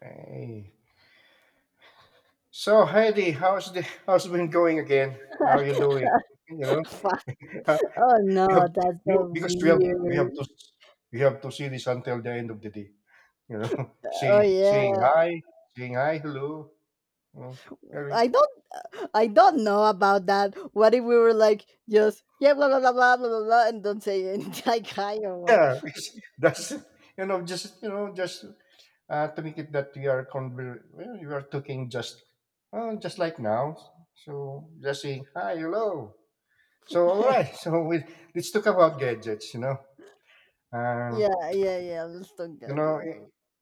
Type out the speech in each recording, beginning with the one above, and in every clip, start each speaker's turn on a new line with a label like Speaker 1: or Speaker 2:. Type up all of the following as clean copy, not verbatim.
Speaker 1: Hey. So Heidi, how's been going again? How are you doing? You know,
Speaker 2: Fuck.
Speaker 1: Uh,
Speaker 2: Oh no,
Speaker 1: you, have,
Speaker 2: that's
Speaker 1: you
Speaker 2: so
Speaker 1: because we have we have
Speaker 2: weird.
Speaker 1: to we have to see this until the end of the day. You know,
Speaker 2: Oh
Speaker 1: say saying
Speaker 2: yeah.
Speaker 1: hi, saying hi, hello. You know, very
Speaker 2: I don't I don't know about that. What if we were like just yeah blah blah blah blah blah blah, blah and don't say anything like hi or what?
Speaker 1: yeah. Because that's you know just to make it that we are conver well, we are talking just like now. So just saying hi, hello. So all right. So we let's talk about gadgets. You know. Uh,
Speaker 2: Yeah, yeah, yeah. Let's talk
Speaker 1: you know,
Speaker 2: gadgets.
Speaker 1: it,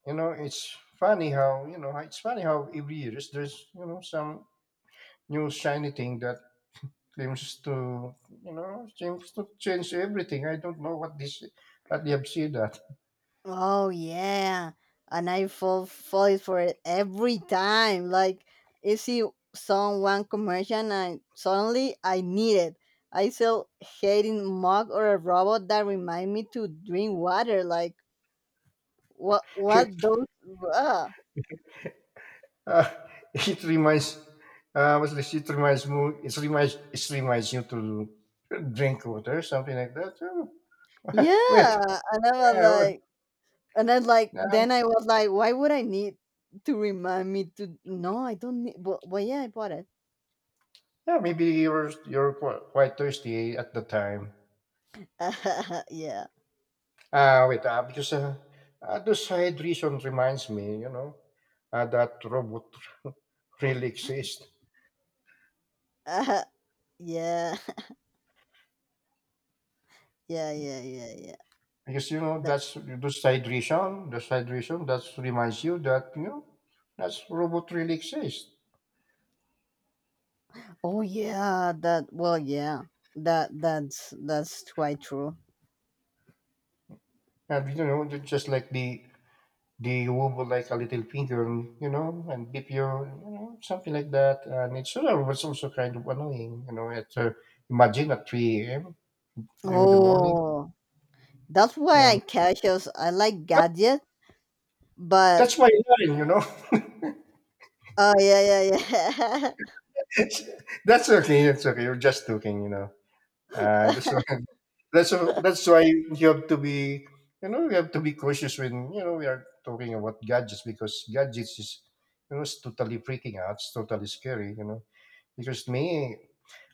Speaker 1: it's funny how every year is there's some new shiny thing that claims to seems to change everything. I don't know what this what they have said that
Speaker 2: Oh yeah. And I fall is for it every time. Like you see some one commercial and I suddenly I need it. I sell hating mug or a robot that remind me to drink water like What
Speaker 1: it
Speaker 2: what those uh,
Speaker 1: uh, it reminds what's this? It reminds me it reminds you to drink water something like that. Oh,
Speaker 2: yeah,
Speaker 1: wait,
Speaker 2: and I was
Speaker 1: yeah, well,
Speaker 2: like, and then like,
Speaker 1: uh,
Speaker 2: then I was like, why would I need to remind me to? No, I don't need. But yeah, I bought it.
Speaker 1: yeah, maybe you're quite thirsty at the time.
Speaker 2: Yeah.
Speaker 1: Wait, because the side reason reminds me, you know, that robot really exists.
Speaker 2: Uh, yeah, yeah, yeah, yeah, yeah.
Speaker 1: Because, you know,
Speaker 2: That.
Speaker 1: that's the side reason that reminds you that, you know, that's robot really exists.
Speaker 2: Oh yeah, that. Well, yeah, that's quite true.
Speaker 1: And, you know, just like the wobble like a little finger, and, you know, and dip your, you know, something like that. And it's was also kind of annoying, you know, at, imagine at 3 a.m. in the morning,
Speaker 2: Oh, that's
Speaker 1: you
Speaker 2: why
Speaker 1: know.
Speaker 2: I cautious I like gadget, but
Speaker 1: That's my line, you know.
Speaker 2: oh yeah, yeah, yeah.
Speaker 1: It's, that's okay. That's okay. You're just joking, you know. That's why, that's why you have to be, you know, you have to be cautious when you know we are talking about gadgets because gadgets is, you know, it's totally freaking out. It's totally scary, you know. Because me,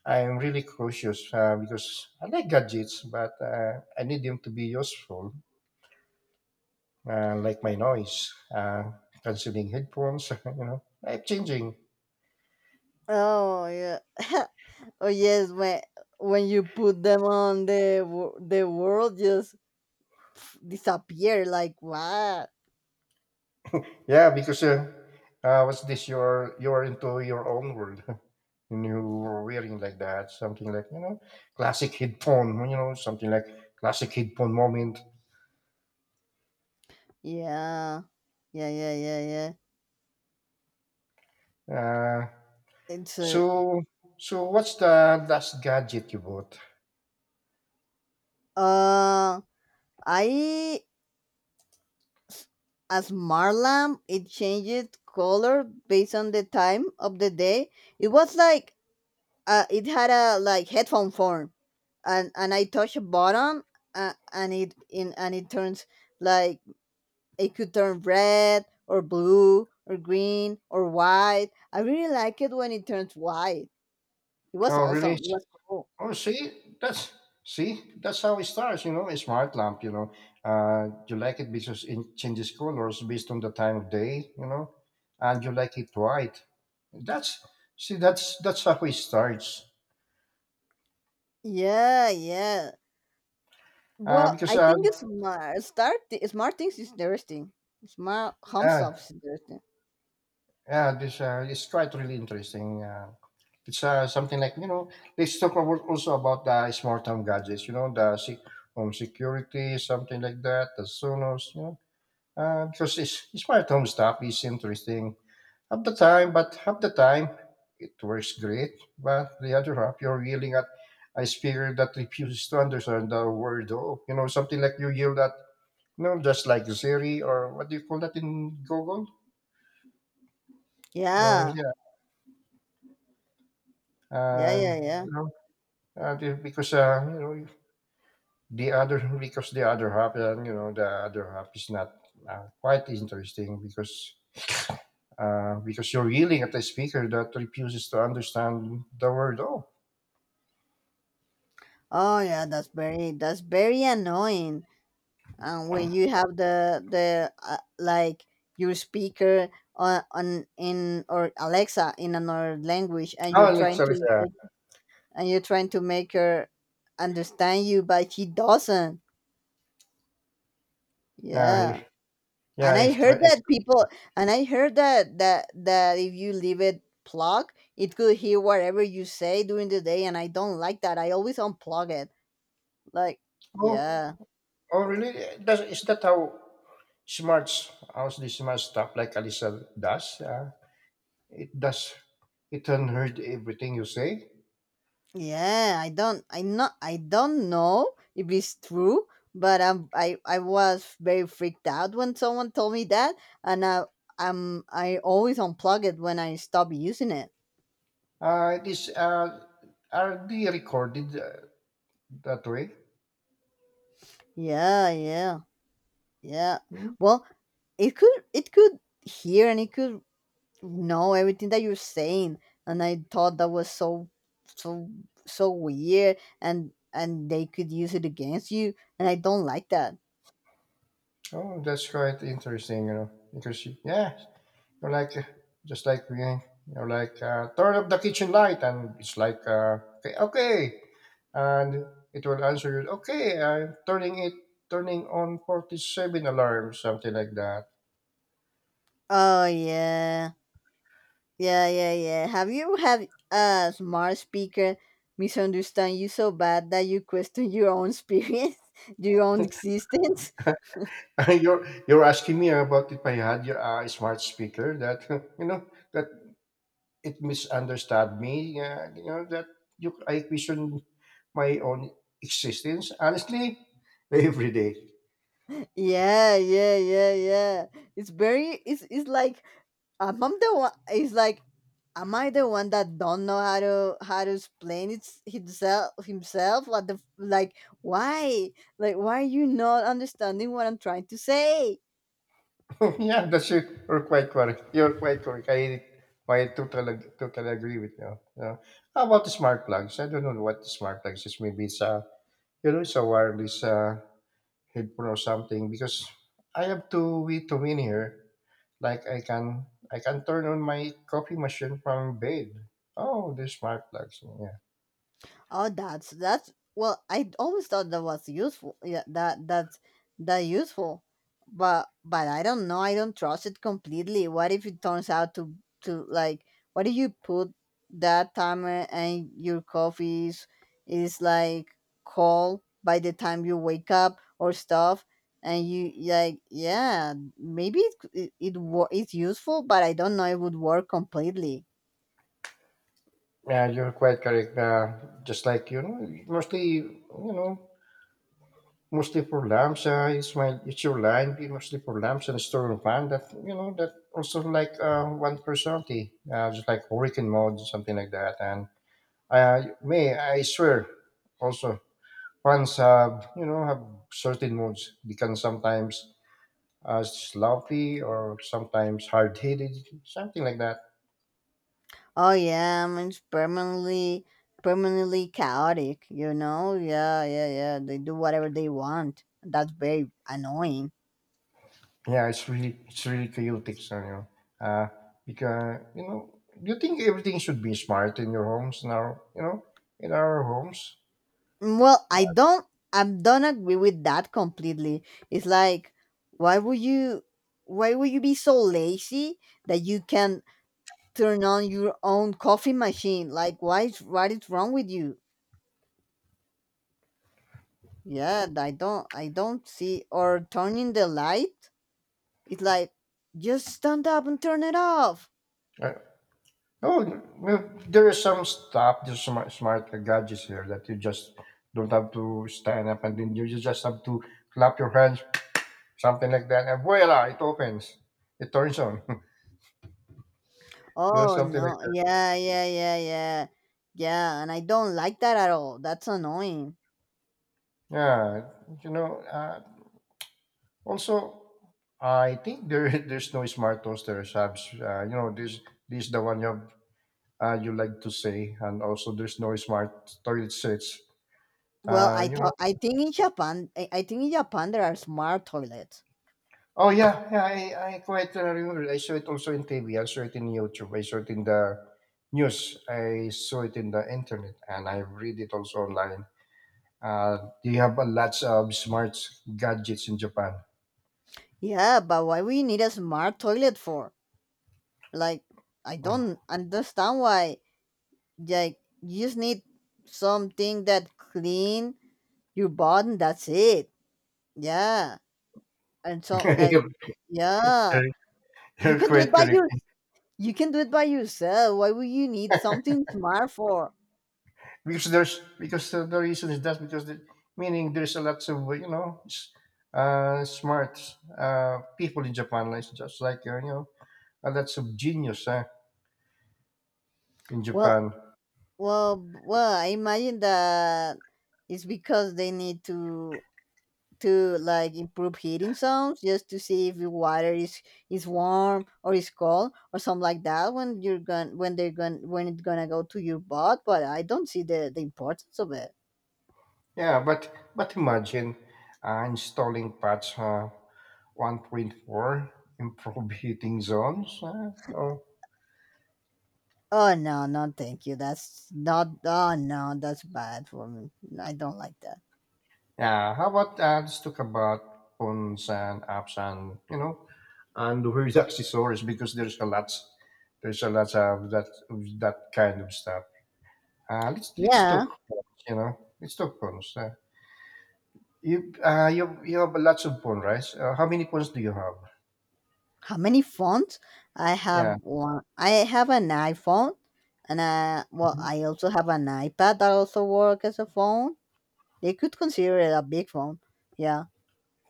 Speaker 1: I'm really cautious because I like gadgets, but I need them to be useful, like my noise, canceling headphones, you know, life changing.
Speaker 2: oh yeah. Oh yes, when you put them on the the world just pff, disappear like what?
Speaker 1: Yeah, because what's this? You're into your own world, and you were wearing like that, something like you know, classic headphone, you know, something like classic headphone moment.
Speaker 2: Yeah, yeah, yeah, yeah, yeah.
Speaker 1: Uh,
Speaker 2: It's
Speaker 1: so so what's the last gadget you bought?
Speaker 2: uh I as Marlam, it changed color based on the time of the day. It was like it had a like headphone form, and I touch a button, and it in and it turns like it could turn red or blue or green or white. I really like it when it turns white. It was
Speaker 1: Oh, really?
Speaker 2: awesome. It was cool.
Speaker 1: Oh, that's see, that's how it starts. You know, a smart lamp. You know, you like it because it changes colors based on the time of day. You know, and you like it white. That's see, that's how it starts.
Speaker 2: Yeah, yeah. Well,
Speaker 1: Because
Speaker 2: I think it's smart. Start smart things is interesting. Smart home stuff
Speaker 1: uh,
Speaker 2: is interesting.
Speaker 1: yeah, this it's quite really interesting. It's something like you know, let's talk about also about the smart home gadgets. You know, home security, something like that, the Sonos. You know, because it's, smart home stuff is interesting. Half the time, but half the time it works great. But the other half, you're yelling at a speaker that refuses to understand the word "oh." You know, something like you yell at, you know, just like Siri or what do you call that in Google? You know,
Speaker 2: Yeah,
Speaker 1: yeah.
Speaker 2: yeah,
Speaker 1: And,
Speaker 2: yeah, yeah.
Speaker 1: you know, and if- because, you know, the other, because the other half, you know, the other half is not quite interesting because you're yelling at a speaker that refuses to understand the word "oh."
Speaker 2: Oh yeah, that's very annoying. And when you have the like your speaker on in or Alexa in another language, and you're
Speaker 1: Oh, like,
Speaker 2: trying
Speaker 1: sorry,
Speaker 2: to and you're trying to make her understand you but she doesn't
Speaker 1: uh,
Speaker 2: yeah,
Speaker 1: yeah,
Speaker 2: and I
Speaker 1: it's
Speaker 2: heard
Speaker 1: great. It's
Speaker 2: that people and I heard that if you leave it plugged it could hear whatever you say during the day and I don't like that, I always unplug it like
Speaker 1: oh,
Speaker 2: yeah,
Speaker 1: oh, really? Does, is that how smarts, how's the smart stuff like Alyssa does? It does, it unheard everything you say.
Speaker 2: yeah, I don't know if it's true but I was very freaked out when someone told me that and I always unplug it when I stop using it,
Speaker 1: It is, are they recorded that way?
Speaker 2: yeah, yeah. Yeah.
Speaker 1: Hmm?
Speaker 2: Well, it could hear and it could know everything that you're saying. And I thought that was so so weird and they could use it against you and I don't like that.
Speaker 1: Oh, that's quite interesting, you know, because, yeah, you know, like just like we, you know, like turn up the kitchen light, and it's like okay, okay, and it will answer you. Okay, I'm turning it, turning on 47 alarm, something like that.
Speaker 2: Oh yeah. Yeah, yeah, yeah. Have you had a smart speaker misunderstand you so bad that you question your own experience, your own existence?
Speaker 1: You're asking me about if I had your smart speaker that you know that it misunderstood me. You know that you I question my own existence honestly every day.
Speaker 2: Yeah, yeah, yeah, yeah. It's very. It's like I'm the one. It's like, am I the one that don't know how to explain it himself? What the f- like? Why? Like why are you not understanding what I'm trying to say?
Speaker 1: yeah, that's you are quite correct. You're quite correct. I totally, totally agree with you. Yeah. How about the smart plugs? I don't know what the smart plugs is. Maybe it's a, you know, it's a wireless headphone or something because I have two in here. Like I can turn on my coffee machine from bed. Oh, the smart plugs. Yeah.
Speaker 2: Oh, that's well. I always thought that was useful. Yeah, that useful, but I don't know. I don't trust it completely. What if it turns out to like? What if you put that timer and your coffee is like cold by the time you wake up or stuff, and you like yeah maybe it it's useful, but I don't know it would work completely.
Speaker 1: Yeah, you're quite correct. Just like you know mostly for lambs. It's my it's your line be mostly for lambs and storm fan that you know that also like one personality, just like hurricane mode something like that. And may I swear, also fans have you know have certain moods. They can sometimes sloppy or sometimes hard headed, something like that.
Speaker 2: Oh yeah, I mean, it's permanently chaotic, you know? Yeah, yeah, yeah. They do whatever they want. That's very annoying.
Speaker 1: Yeah, it's really chaotic, so you know. Uh, because you know, do you think everything should be smart in your homes now? You know, in our homes.
Speaker 2: Mm, well, I don't agree with that completely. It's like why would you why would you be so lazy that you can turn on your own coffee machine? Like why is what is wrong with you? Yeah, I don't see or turning the light. It's like just stand up and turn it off.
Speaker 1: Uh, oh, well, there is some stuff, there's smart, smart gadgets here that you just don't have to stand up and then you just have to clap your hands, something like that, and voila, it opens, it turns on, you know,
Speaker 2: Oh
Speaker 1: something like
Speaker 2: no.
Speaker 1: that.
Speaker 2: Yeah, yeah, yeah, yeah. Yeah, and I don't like that at all. That's annoying.
Speaker 1: Yeah, you know, also, I think there there's no smart toasters. Have, you know, this the one you have, you like to say, and also there's no smart toilet seats.
Speaker 2: Well, I
Speaker 1: You know.
Speaker 2: thought I think in Japan I think in Japan there are smart toilets.
Speaker 1: Oh yeah, yeah, I quite remember. I saw it also in TV. I saw it in YouTube. I saw it in the news. I saw it in the internet, and I read it also online. They have a lots of smart gadgets in Japan.
Speaker 2: Yeah, but why we need a smart toilet for? Like I don't understand why like you just need something that clean your body, that's it. Yeah. And so like
Speaker 1: you're,
Speaker 2: yeah. You
Speaker 1: you're
Speaker 2: can do it
Speaker 1: quite
Speaker 2: by
Speaker 1: correct
Speaker 2: your you can do it by yourself. Why would you need something smart for?
Speaker 1: because there's because the reason is that because the, meaning there's a lots of you know smart people in Japan, like just like you know a lots of genius in
Speaker 2: Well,
Speaker 1: Japan.
Speaker 2: I imagine that it's because they need to like improve heating sounds just to see if the water is warm or is cold or something like that when you're going when they're going when it's gonna go to your butt. But I don't see the importance of it.
Speaker 1: Yeah, but imagine installing patch 1.4, improve heating zones.
Speaker 2: Oh no, no, thank you. That's not. Oh no, that's bad for me. I don't like that.
Speaker 1: Yeah, how about let's talk about phones and apps and you know and where accessories because there's a lot of that kind of stuff. Let's talk
Speaker 2: Yeah.
Speaker 1: phones, you know let's talk phones. You you have lots of phones, right? How many phones do you have?
Speaker 2: How many phones? I have
Speaker 1: Yeah.
Speaker 2: one. I have an iPhone, and I well, I also have an iPad that also works as a phone. They could consider it a big phone. Yeah.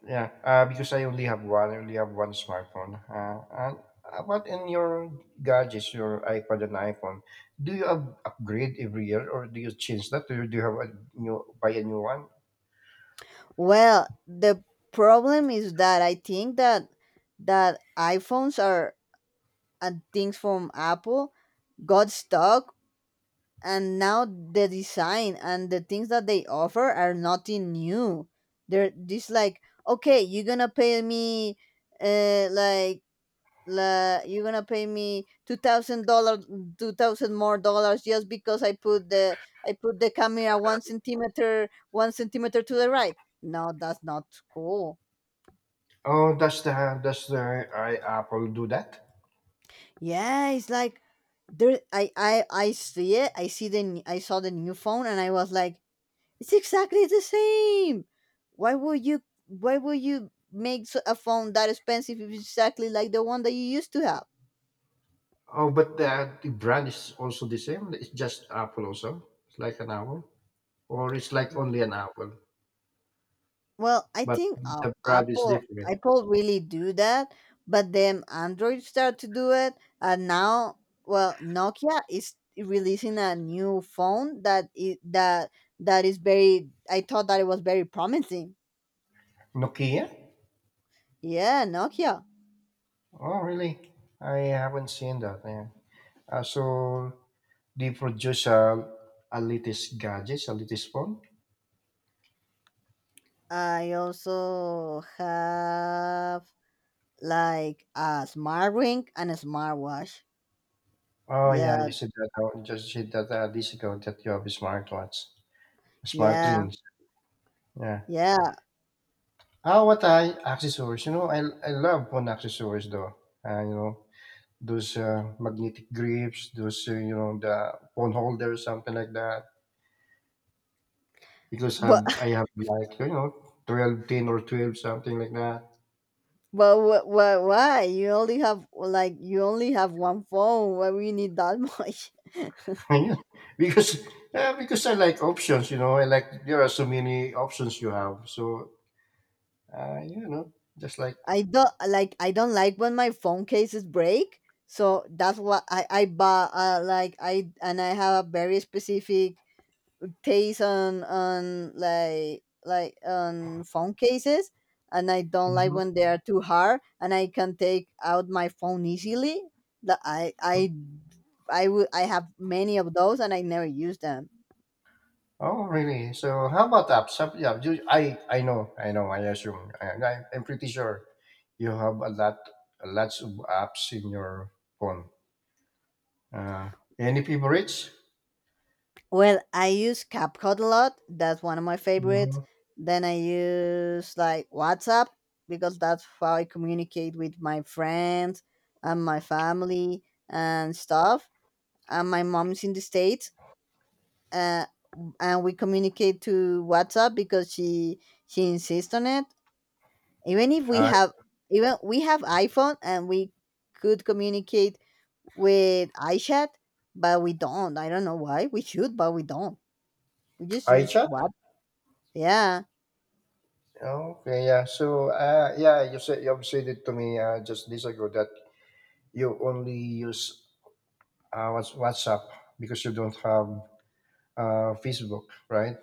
Speaker 1: Yeah, because I only have one. I only have one smartphone. And what in your gadgets, your iPad and iPhone, do you upgrade every year, or do you change that, or do you have a new buy a new one?
Speaker 2: Well, the problem is that I think that that iPhones are and things from Apple got stuck, and now the design and the things that they offer are nothing new. They're just like, okay, you're gonna pay me like la, you're gonna pay me $2,000, 2,000 more dollars just because I put the camera one centimeter to the right. No, that's not cool.
Speaker 1: Oh, does the I, Apple do that?
Speaker 2: Yeah, it's like there. I see it. I see the I saw the new phone, and I was like, it's exactly the same. Why would you? Why would you make a phone that expensive if it's exactly like the one that you used to have?
Speaker 1: Oh, but the brand is also the same. It's just Apple also. It's like an Apple, or it's like only an Apple,
Speaker 2: Well, I
Speaker 1: but
Speaker 2: think
Speaker 1: the brand is
Speaker 2: Apple
Speaker 1: different.
Speaker 2: Apple really do that, but then Android start to do it, and now, well, Nokia is releasing a new phone that is very. I thought that it was very promising.
Speaker 1: Nokia?
Speaker 2: Yeah, Nokia.
Speaker 1: Oh, really? I haven't seen that. Yeah. Uh, so they produce a latest gadgets, a latest phone.
Speaker 2: I also have like a smart ring and a smartwatch.
Speaker 1: Oh yeah,
Speaker 2: Yeah,
Speaker 1: you said that. Just said that this ago that you have a smartwatch, smart
Speaker 2: yeah,
Speaker 1: rings. Yeah.
Speaker 2: yeah.
Speaker 1: Ah, what I accessories? You know, I love phone accessories though. You know, those magnetic grips, those you know the phone holders, something like that. Because
Speaker 2: But
Speaker 1: have I have like you know 12, 10 or 12, something like that.
Speaker 2: But why? You only have like you only have one phone. Why we need that much?
Speaker 1: because because I like options. You know, I like there are so many options you have. So you know, just like
Speaker 2: I don't like when my phone cases break. So that's what I buy. Like I and I have a very specific taste on like on phone cases, and I don't like
Speaker 1: hmm
Speaker 2: when they are too hard. And I can take out my phone easily. That I would I have many of those, and I never use them.
Speaker 1: oh really? So how about apps? Some, yeah, I know I know I assume I'm pretty sure you have a lot lots of apps in your phone. Uh, any favorites?
Speaker 2: Well, I use CapCut a lot. That's one of my favorites.
Speaker 1: Hmm.
Speaker 2: Then I use like WhatsApp because that's how I communicate with my friends and my family and stuff. And my mom's in the States. Uh, and we communicate to WhatsApp because she insists on it. Even if we
Speaker 1: Uh,
Speaker 2: have even we have iPhone and we could communicate with iChat, but we don't. I don't know why. We should, but we don't. We just use
Speaker 1: iChat?
Speaker 2: WhatsApp. Yeah.
Speaker 1: Okay, yeah. So, yeah, you said you have said it to me just days ago that you only use WhatsApp because you don't have Facebook, right?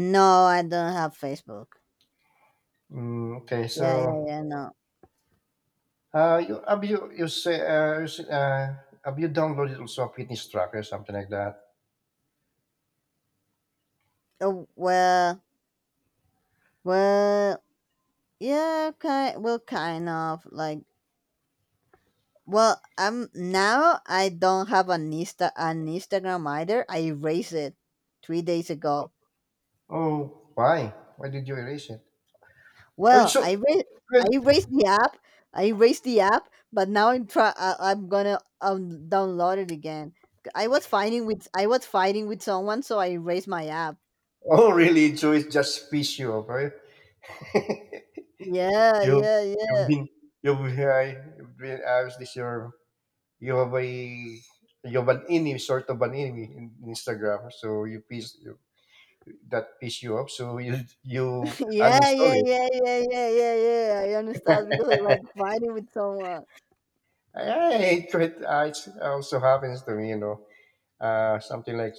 Speaker 2: No, I don't have Facebook.
Speaker 1: Mm, okay, so
Speaker 2: Yeah, yeah, yeah. No.
Speaker 1: You, have you you say, have you downloaded also a fitness tracker or something like that?
Speaker 2: Oh, well, yeah. Kind of like. Well, I'm now. I don't have an Insta, an Instagram either. I erased it 3 days ago.
Speaker 1: Oh, why? Why did you erase it? Oh,
Speaker 2: Well,
Speaker 1: so
Speaker 2: I erased,
Speaker 1: well,
Speaker 2: I erased the app. I erased the app, but now I'm try. I, I'm gonna download it again. I was fighting with someone, so I erased my app.
Speaker 1: oh really? So it just piss you off, right?
Speaker 2: Yeah,
Speaker 1: you
Speaker 2: yeah,
Speaker 1: you've
Speaker 2: yeah.
Speaker 1: been you've been, you've been this your you have a you have an enemy sort of an enemy in Instagram, so you piss you, that piss you off, so you
Speaker 2: Yeah,
Speaker 1: uninstall
Speaker 2: yeah,
Speaker 1: it.
Speaker 2: yeah, yeah, yeah, yeah, yeah. I understand because I was fighting with someone.
Speaker 1: I, I, it, it also happens to me, you know. Something like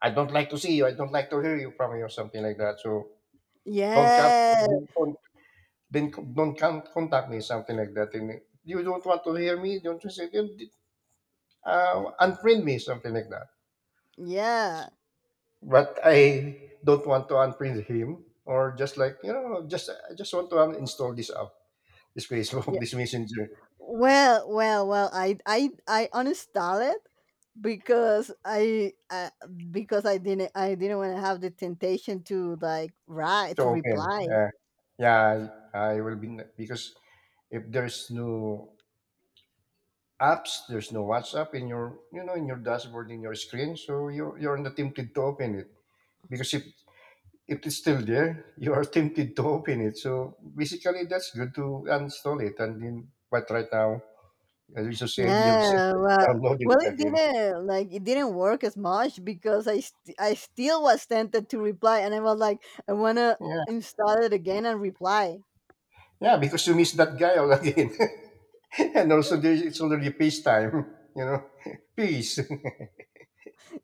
Speaker 1: "I don't like to see you, I don't like to hear you from you," something like that. So don't cut,
Speaker 2: Yeah,
Speaker 1: don't then don't contact me, something like that. And you don't want to hear me, don't you say "Then, unfriend me," something like that.
Speaker 2: yeah,
Speaker 1: But I don't want to unfriend him, or just like you know, just I just want to uninstall this app, this Facebook,
Speaker 2: yeah.
Speaker 1: this Messenger.
Speaker 2: I uninstalled it because because I didn't want to have the temptation to like write
Speaker 1: So
Speaker 2: to
Speaker 1: open,
Speaker 2: reply.
Speaker 1: uh, yeah, I will be because if there's no apps. There's no WhatsApp in your you know in your dashboard in your screen, so you're not tempted to open it because if it's still there, you are tempted to open it. So basically, that's good to uninstall it. And then, but right now, as you said, you've said
Speaker 2: Yeah,
Speaker 1: that you
Speaker 2: well, well,
Speaker 1: downloaded it
Speaker 2: it
Speaker 1: again.
Speaker 2: didn't like it didn't work as much because I still was tempted to reply, and I was like, I wanna
Speaker 1: Yeah,
Speaker 2: install it again and reply.
Speaker 1: yeah, because you miss that guy all again. and also, there, it's already peace time. You know, peace.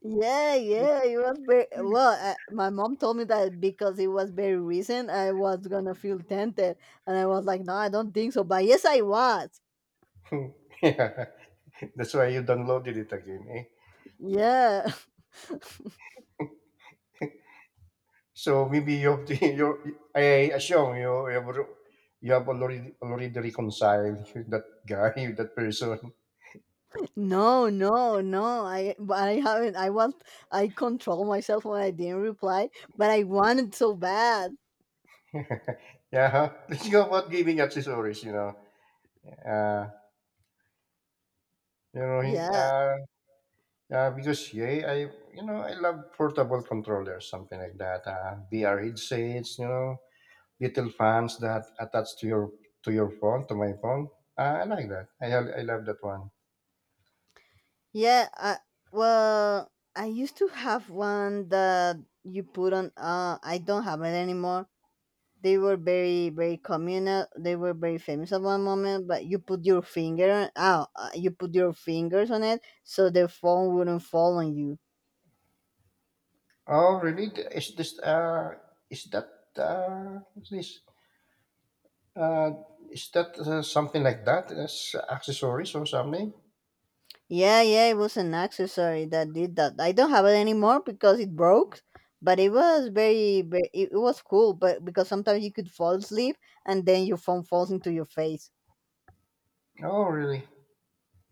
Speaker 2: Yeah, yeah, it was very well. I, my mom told me that because it was very recent, I was gonna feel tempted, and I was like, "No, I don't think so." But yes, I was.
Speaker 1: Yeah, that's why you downloaded it again. Eh?
Speaker 2: Yeah,
Speaker 1: So maybe you have to, you I assume you you have, you have already reconciled with that guy, with that person.
Speaker 2: no, no, no. I haven't. I was. I control myself when I didn't reply, but I wanted so bad.
Speaker 1: Yeah, let's go about giving accessories. Uh, you know,
Speaker 2: Yeah,
Speaker 1: because yeah, I you know I love portable controllers, something like that. VR headsets, you know, little fans that attach to your phone, to my phone. I like that. I love that one.
Speaker 2: yeah. I, well, I used to have one that you put on. I don't have it anymore. They were very communal. They were very famous at one moment, but you put your finger on you put your fingers on it so the phone wouldn't fall on you.
Speaker 1: Oh, really? Is this is that what's this? Uh, is that something like that? As accessories or something?
Speaker 2: Yeah, it was an accessory that did that. I don't have it anymore because it broke, but it was very it was cool, but because sometimes you could fall asleep and then your phone falls into your face.
Speaker 1: Oh, really?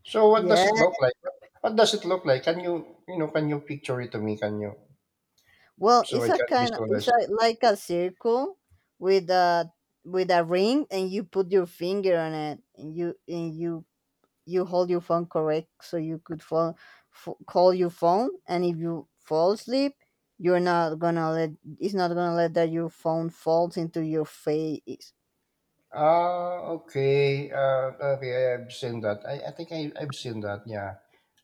Speaker 1: So, what
Speaker 2: Yeah,
Speaker 1: does it look like? What does it look like? Can you, you know, can you picture it to me? Can you?
Speaker 2: well,
Speaker 1: So I can visualize
Speaker 2: it's
Speaker 1: it.
Speaker 2: like a circle with a with a ring, and you put your finger on it, and you hold your phone correct so you could call your phone. And if you fall asleep, you're not gonna let it's not gonna let that your phone falls into your face.
Speaker 1: Ah, okay. Okay, I've seen that. I think I, I've seen that. Yeah.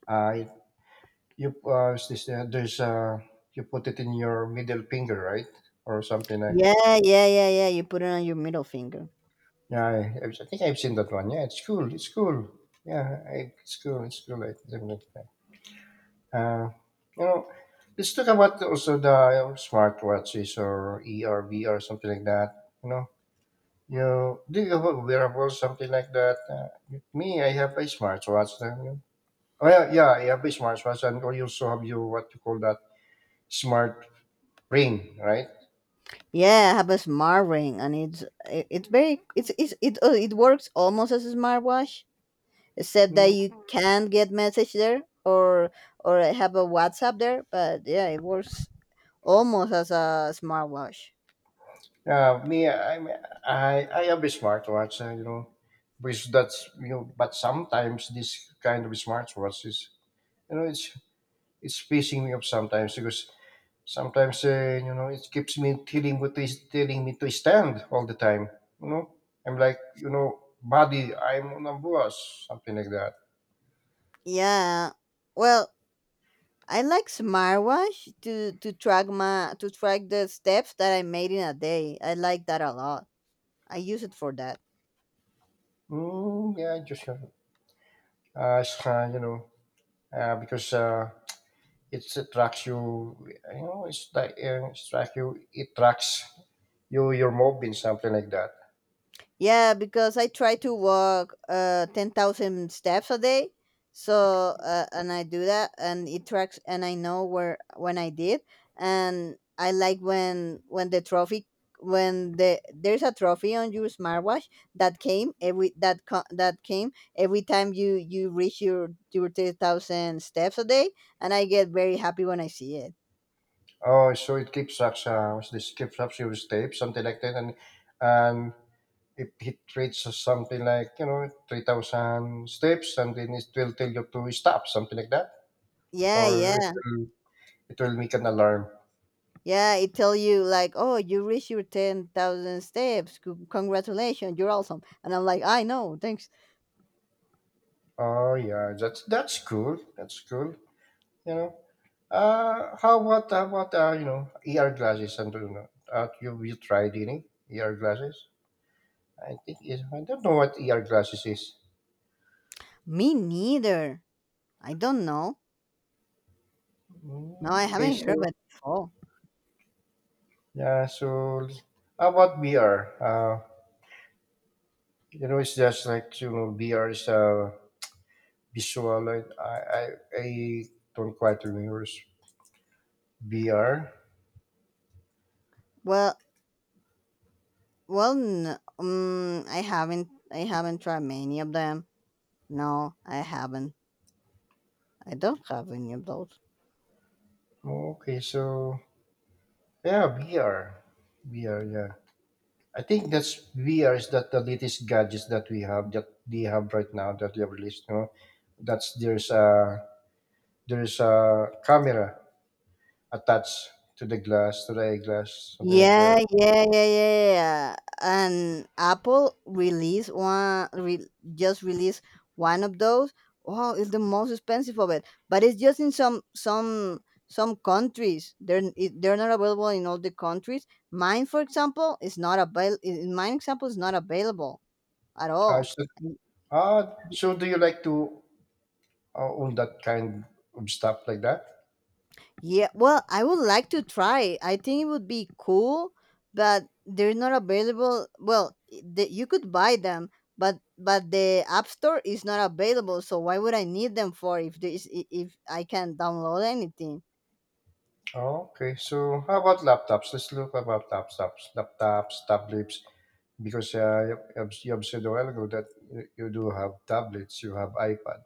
Speaker 1: Uh, it- you is this, there's you put it in your middle finger, right, or something like.
Speaker 2: Yeah yeah yeah yeah you put it on your middle finger.
Speaker 1: Yeah, I think I've seen that one. Yeah, it's cool. It's cool. Yeah, I, it's cool. It's cool. I definitely. Uh, you know, let's talk about also the smartwatches or ERB or something like that. You know, do you have a wearable something like that? Me, I have a smartwatch. You know? Oh yeah, yeah, I have a smartwatch, and I also have you what you call that smart ring, right?
Speaker 2: Yeah, I have a smart ring, and it's very it works almost as a smartwatch, except that you can't get message there, or have a WhatsApp there, but yeah, it works almost as a smartwatch.
Speaker 1: Me, I have a smartwatch, you know, because that's you know. But sometimes this kind of smartwatch is, you know, it's pissing me off sometimes because sometimes you know it keeps me telling what is telling me to stand all the time. You know, I'm like, you know, buddy, I'm on a bus, something like that.
Speaker 2: Yeah, well, I like smartwatch to track my to track the steps that I made in a day. I like that a lot. I use it for that.
Speaker 1: Mm, yeah, just it's, you know, because it tracks you. You know, it's like it tracks you. It tracks. You your are mobbing something like that.
Speaker 2: Yeah, because I try to walk 10,000 steps a day. So and I do that, and it tracks, and I know where when I did. And I like when there's a trophy on your smartwatch that came every that co- that came every time you reach your 10,000 steps a day, and I get very happy when I see it.
Speaker 1: Oh, so it keeps up. What's this? Keeps up your tape, something like that, and if it reaches something like you know 3,000 steps, and then it will tell you to stop, something like that,
Speaker 2: Yeah,
Speaker 1: or it
Speaker 2: yeah.
Speaker 1: will it will make an alarm.
Speaker 2: Yeah, it tell you like, oh, you reached your 10,000 steps. Congratulations, you're awesome. And I'm like, I know, thanks.
Speaker 1: Oh yeah, that's cool. That's cool. You know. How about you know ER glasses and you know, you you tried any ER glasses? I think it, I don't know what ER glasses is.
Speaker 2: Me neither. I don't know. No,
Speaker 1: Mm,
Speaker 2: I
Speaker 1: okay,
Speaker 2: haven't heard
Speaker 1: so
Speaker 2: about it before.
Speaker 1: yeah, so how about VR? You know, it's just like you know, VR is visual. Like, I don't quite remember it's VR.
Speaker 2: Well, well, n I haven't. I haven't tried many of them. No, I haven't. I don't have any of those.
Speaker 1: Okay, so yeah, VR. Yeah, I think that's VR is that the latest gadgets that we have that they have right now that they have released. You know, that's there's a camera attached to the glass to the eyeglass, something like
Speaker 2: Yeah,
Speaker 1: that.
Speaker 2: yeah, yeah, yeah, yeah. And Apple release one, just release one of those. Oh, it's the most expensive of it, but it's just in some some countries. They're not available in all the countries. Mine, for example, is not Mine example is not available at all.
Speaker 1: So, ah, so do you like to all that kind of stuff like that.
Speaker 2: Yeah, well, I would like to try. I think it would be cool, but they're not available. Well, you could buy them, but the App Store is not available. So why would I need them for if there is, if I can download anything?
Speaker 1: Oh, okay. So how about laptops? Let's look about laptops, laptops, tablets. Because you have said a while ago that you do have tablets, you have iPad,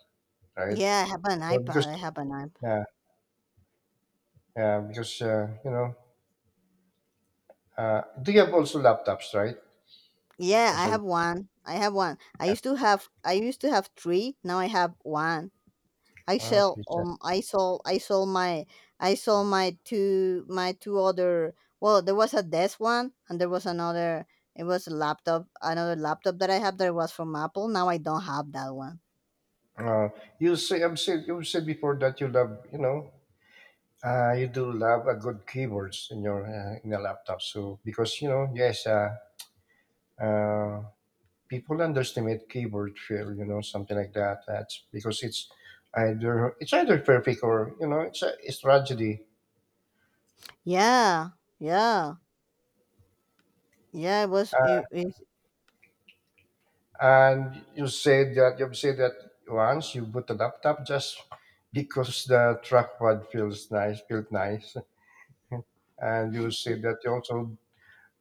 Speaker 1: right?
Speaker 2: Yeah, I have an
Speaker 1: So
Speaker 2: iPad.
Speaker 1: because
Speaker 2: I have an iPad.
Speaker 1: yeah, yeah, because you know, do you have also laptops, right?
Speaker 2: Yeah,
Speaker 1: I
Speaker 2: I
Speaker 1: said,
Speaker 2: have one. I have one. I used to have three. Now I have one.
Speaker 1: okay, sir.
Speaker 2: I sold my two, my two other. Well, there was a desk one, and there was another. It was a laptop, another laptop that I have that was from Apple. Now I don't have that one.
Speaker 1: Uh, you say I've said you said before that you love, you know, you do love a good keyboards in your laptop. So because you know, yes, uh, people underestimate keyboard feel, you know, something like that. That's because it's either perfect or you know it's a it's tragedy.
Speaker 2: Yeah yeah yeah it was
Speaker 1: And you said that you've said that once you boot the laptop just because the trackpad feels nice, felt nice, and you said
Speaker 2: it-
Speaker 1: that you also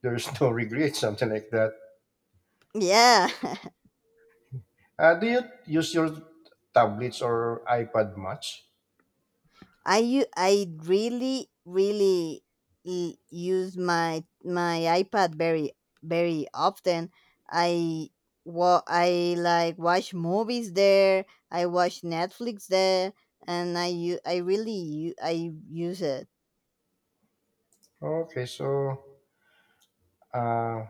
Speaker 1: there's no regret, something like that.
Speaker 2: yeah.
Speaker 1: Do you use your tablets or iPad much?
Speaker 2: I really use my iPad very very often. I I like watch movies there. I watch Netflix there, and I u- I really u- I use it.
Speaker 1: Okay, so uh,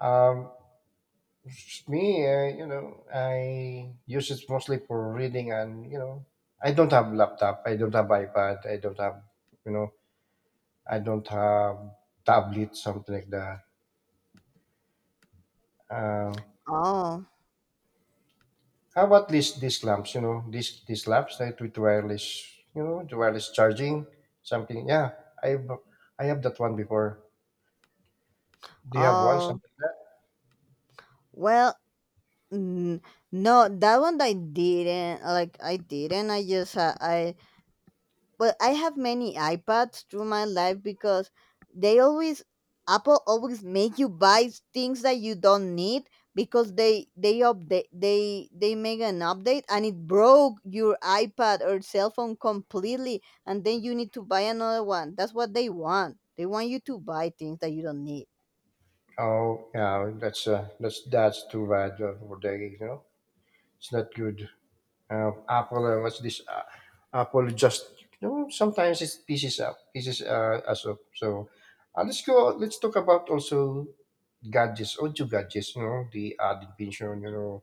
Speaker 1: um, me, you know, I use it mostly for reading and, you know, I don't have laptop, I don't have iPad, I don't have, you know, I don't have tablet, something like that. Um,
Speaker 2: Oh
Speaker 1: how about these lamps, you know, these lamps that with wireless, you know, the wireless charging, something. Yeah, I I have that one before. Do you have one,
Speaker 2: oh
Speaker 1: something like that?
Speaker 2: well. mm, No, that one I didn't like. I didn't. I just I But I have many iPads through my life because they always Apple always make you buy things that you don't need, because they make an update, and it broke your iPad or cell phone completely, and then you need to buy another one. That's what they want. They want you to buy things that you don't need.
Speaker 1: Oh, yeah, that's too bad for the, you know, it's not good. Apple what's this Apple just you know sometimes it pieces up pieces us up so let's go let's talk about also gadgets audio gadgets you know the added vision you know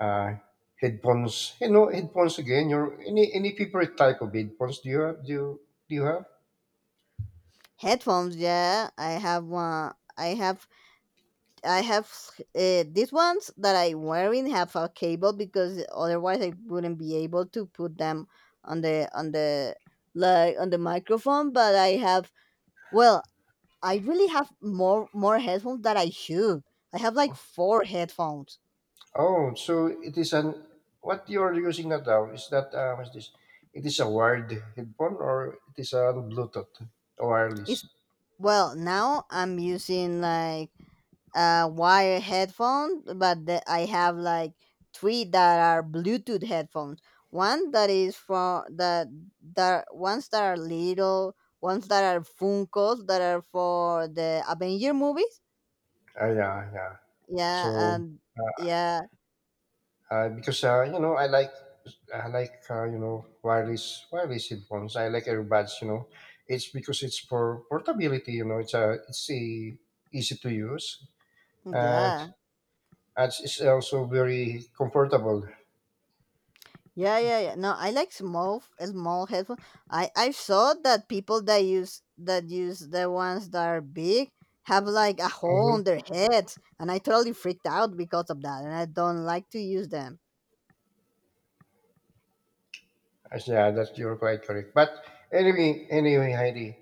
Speaker 1: uh, headphones you know headphones again your any favorite type of headphones do you have
Speaker 2: Headphones, yeah, I have one. I have these ones that I'm wearing have a cable, because otherwise I wouldn't be able to put them on the, like on the microphone. But I have, well, I really have more headphones that I should. I have like four headphones.
Speaker 1: oh so it is an what you're using that now is that what's this it is a wired headphone or it is a Bluetooth wireless
Speaker 2: It's Well, now I'm using like wire headphone. But I have like three that are Bluetooth headphones. One that is for the that ones that are little, ones that are Funkos that are for the Avenger movies.
Speaker 1: ah yeah yeah.
Speaker 2: Yeah,
Speaker 1: So
Speaker 2: and
Speaker 1: uh,
Speaker 2: yeah,
Speaker 1: because you know I like you know wireless headphones. I like earbuds. You know, it's because it's for portability. You know, it's a easy to use and
Speaker 2: yeah.
Speaker 1: it's also very comfortable.
Speaker 2: Yeah, yeah, yeah. No, I like small, small headphones. I saw that people that use the ones that are big have like a hole on
Speaker 1: Mm-hmm.
Speaker 2: their heads, and I totally freaked out because of that, and I don't like to use them.
Speaker 1: Yeah, that you're quite correct. But anyway, anyway, Heidi,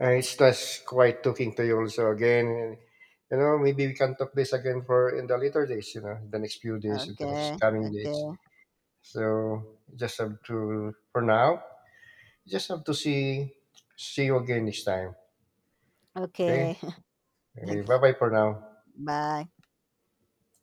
Speaker 1: it's just quite talking to you also again. And, you know, maybe we can talk this again for in the later days. You know, the next few days, in the
Speaker 2: Okay,
Speaker 1: next coming days.
Speaker 2: okay,
Speaker 1: So just have to for now, just have to see see you again next time. Okay?
Speaker 2: okay.
Speaker 1: Okay,
Speaker 2: Thank you.
Speaker 1: bye bye for now.
Speaker 2: Bye.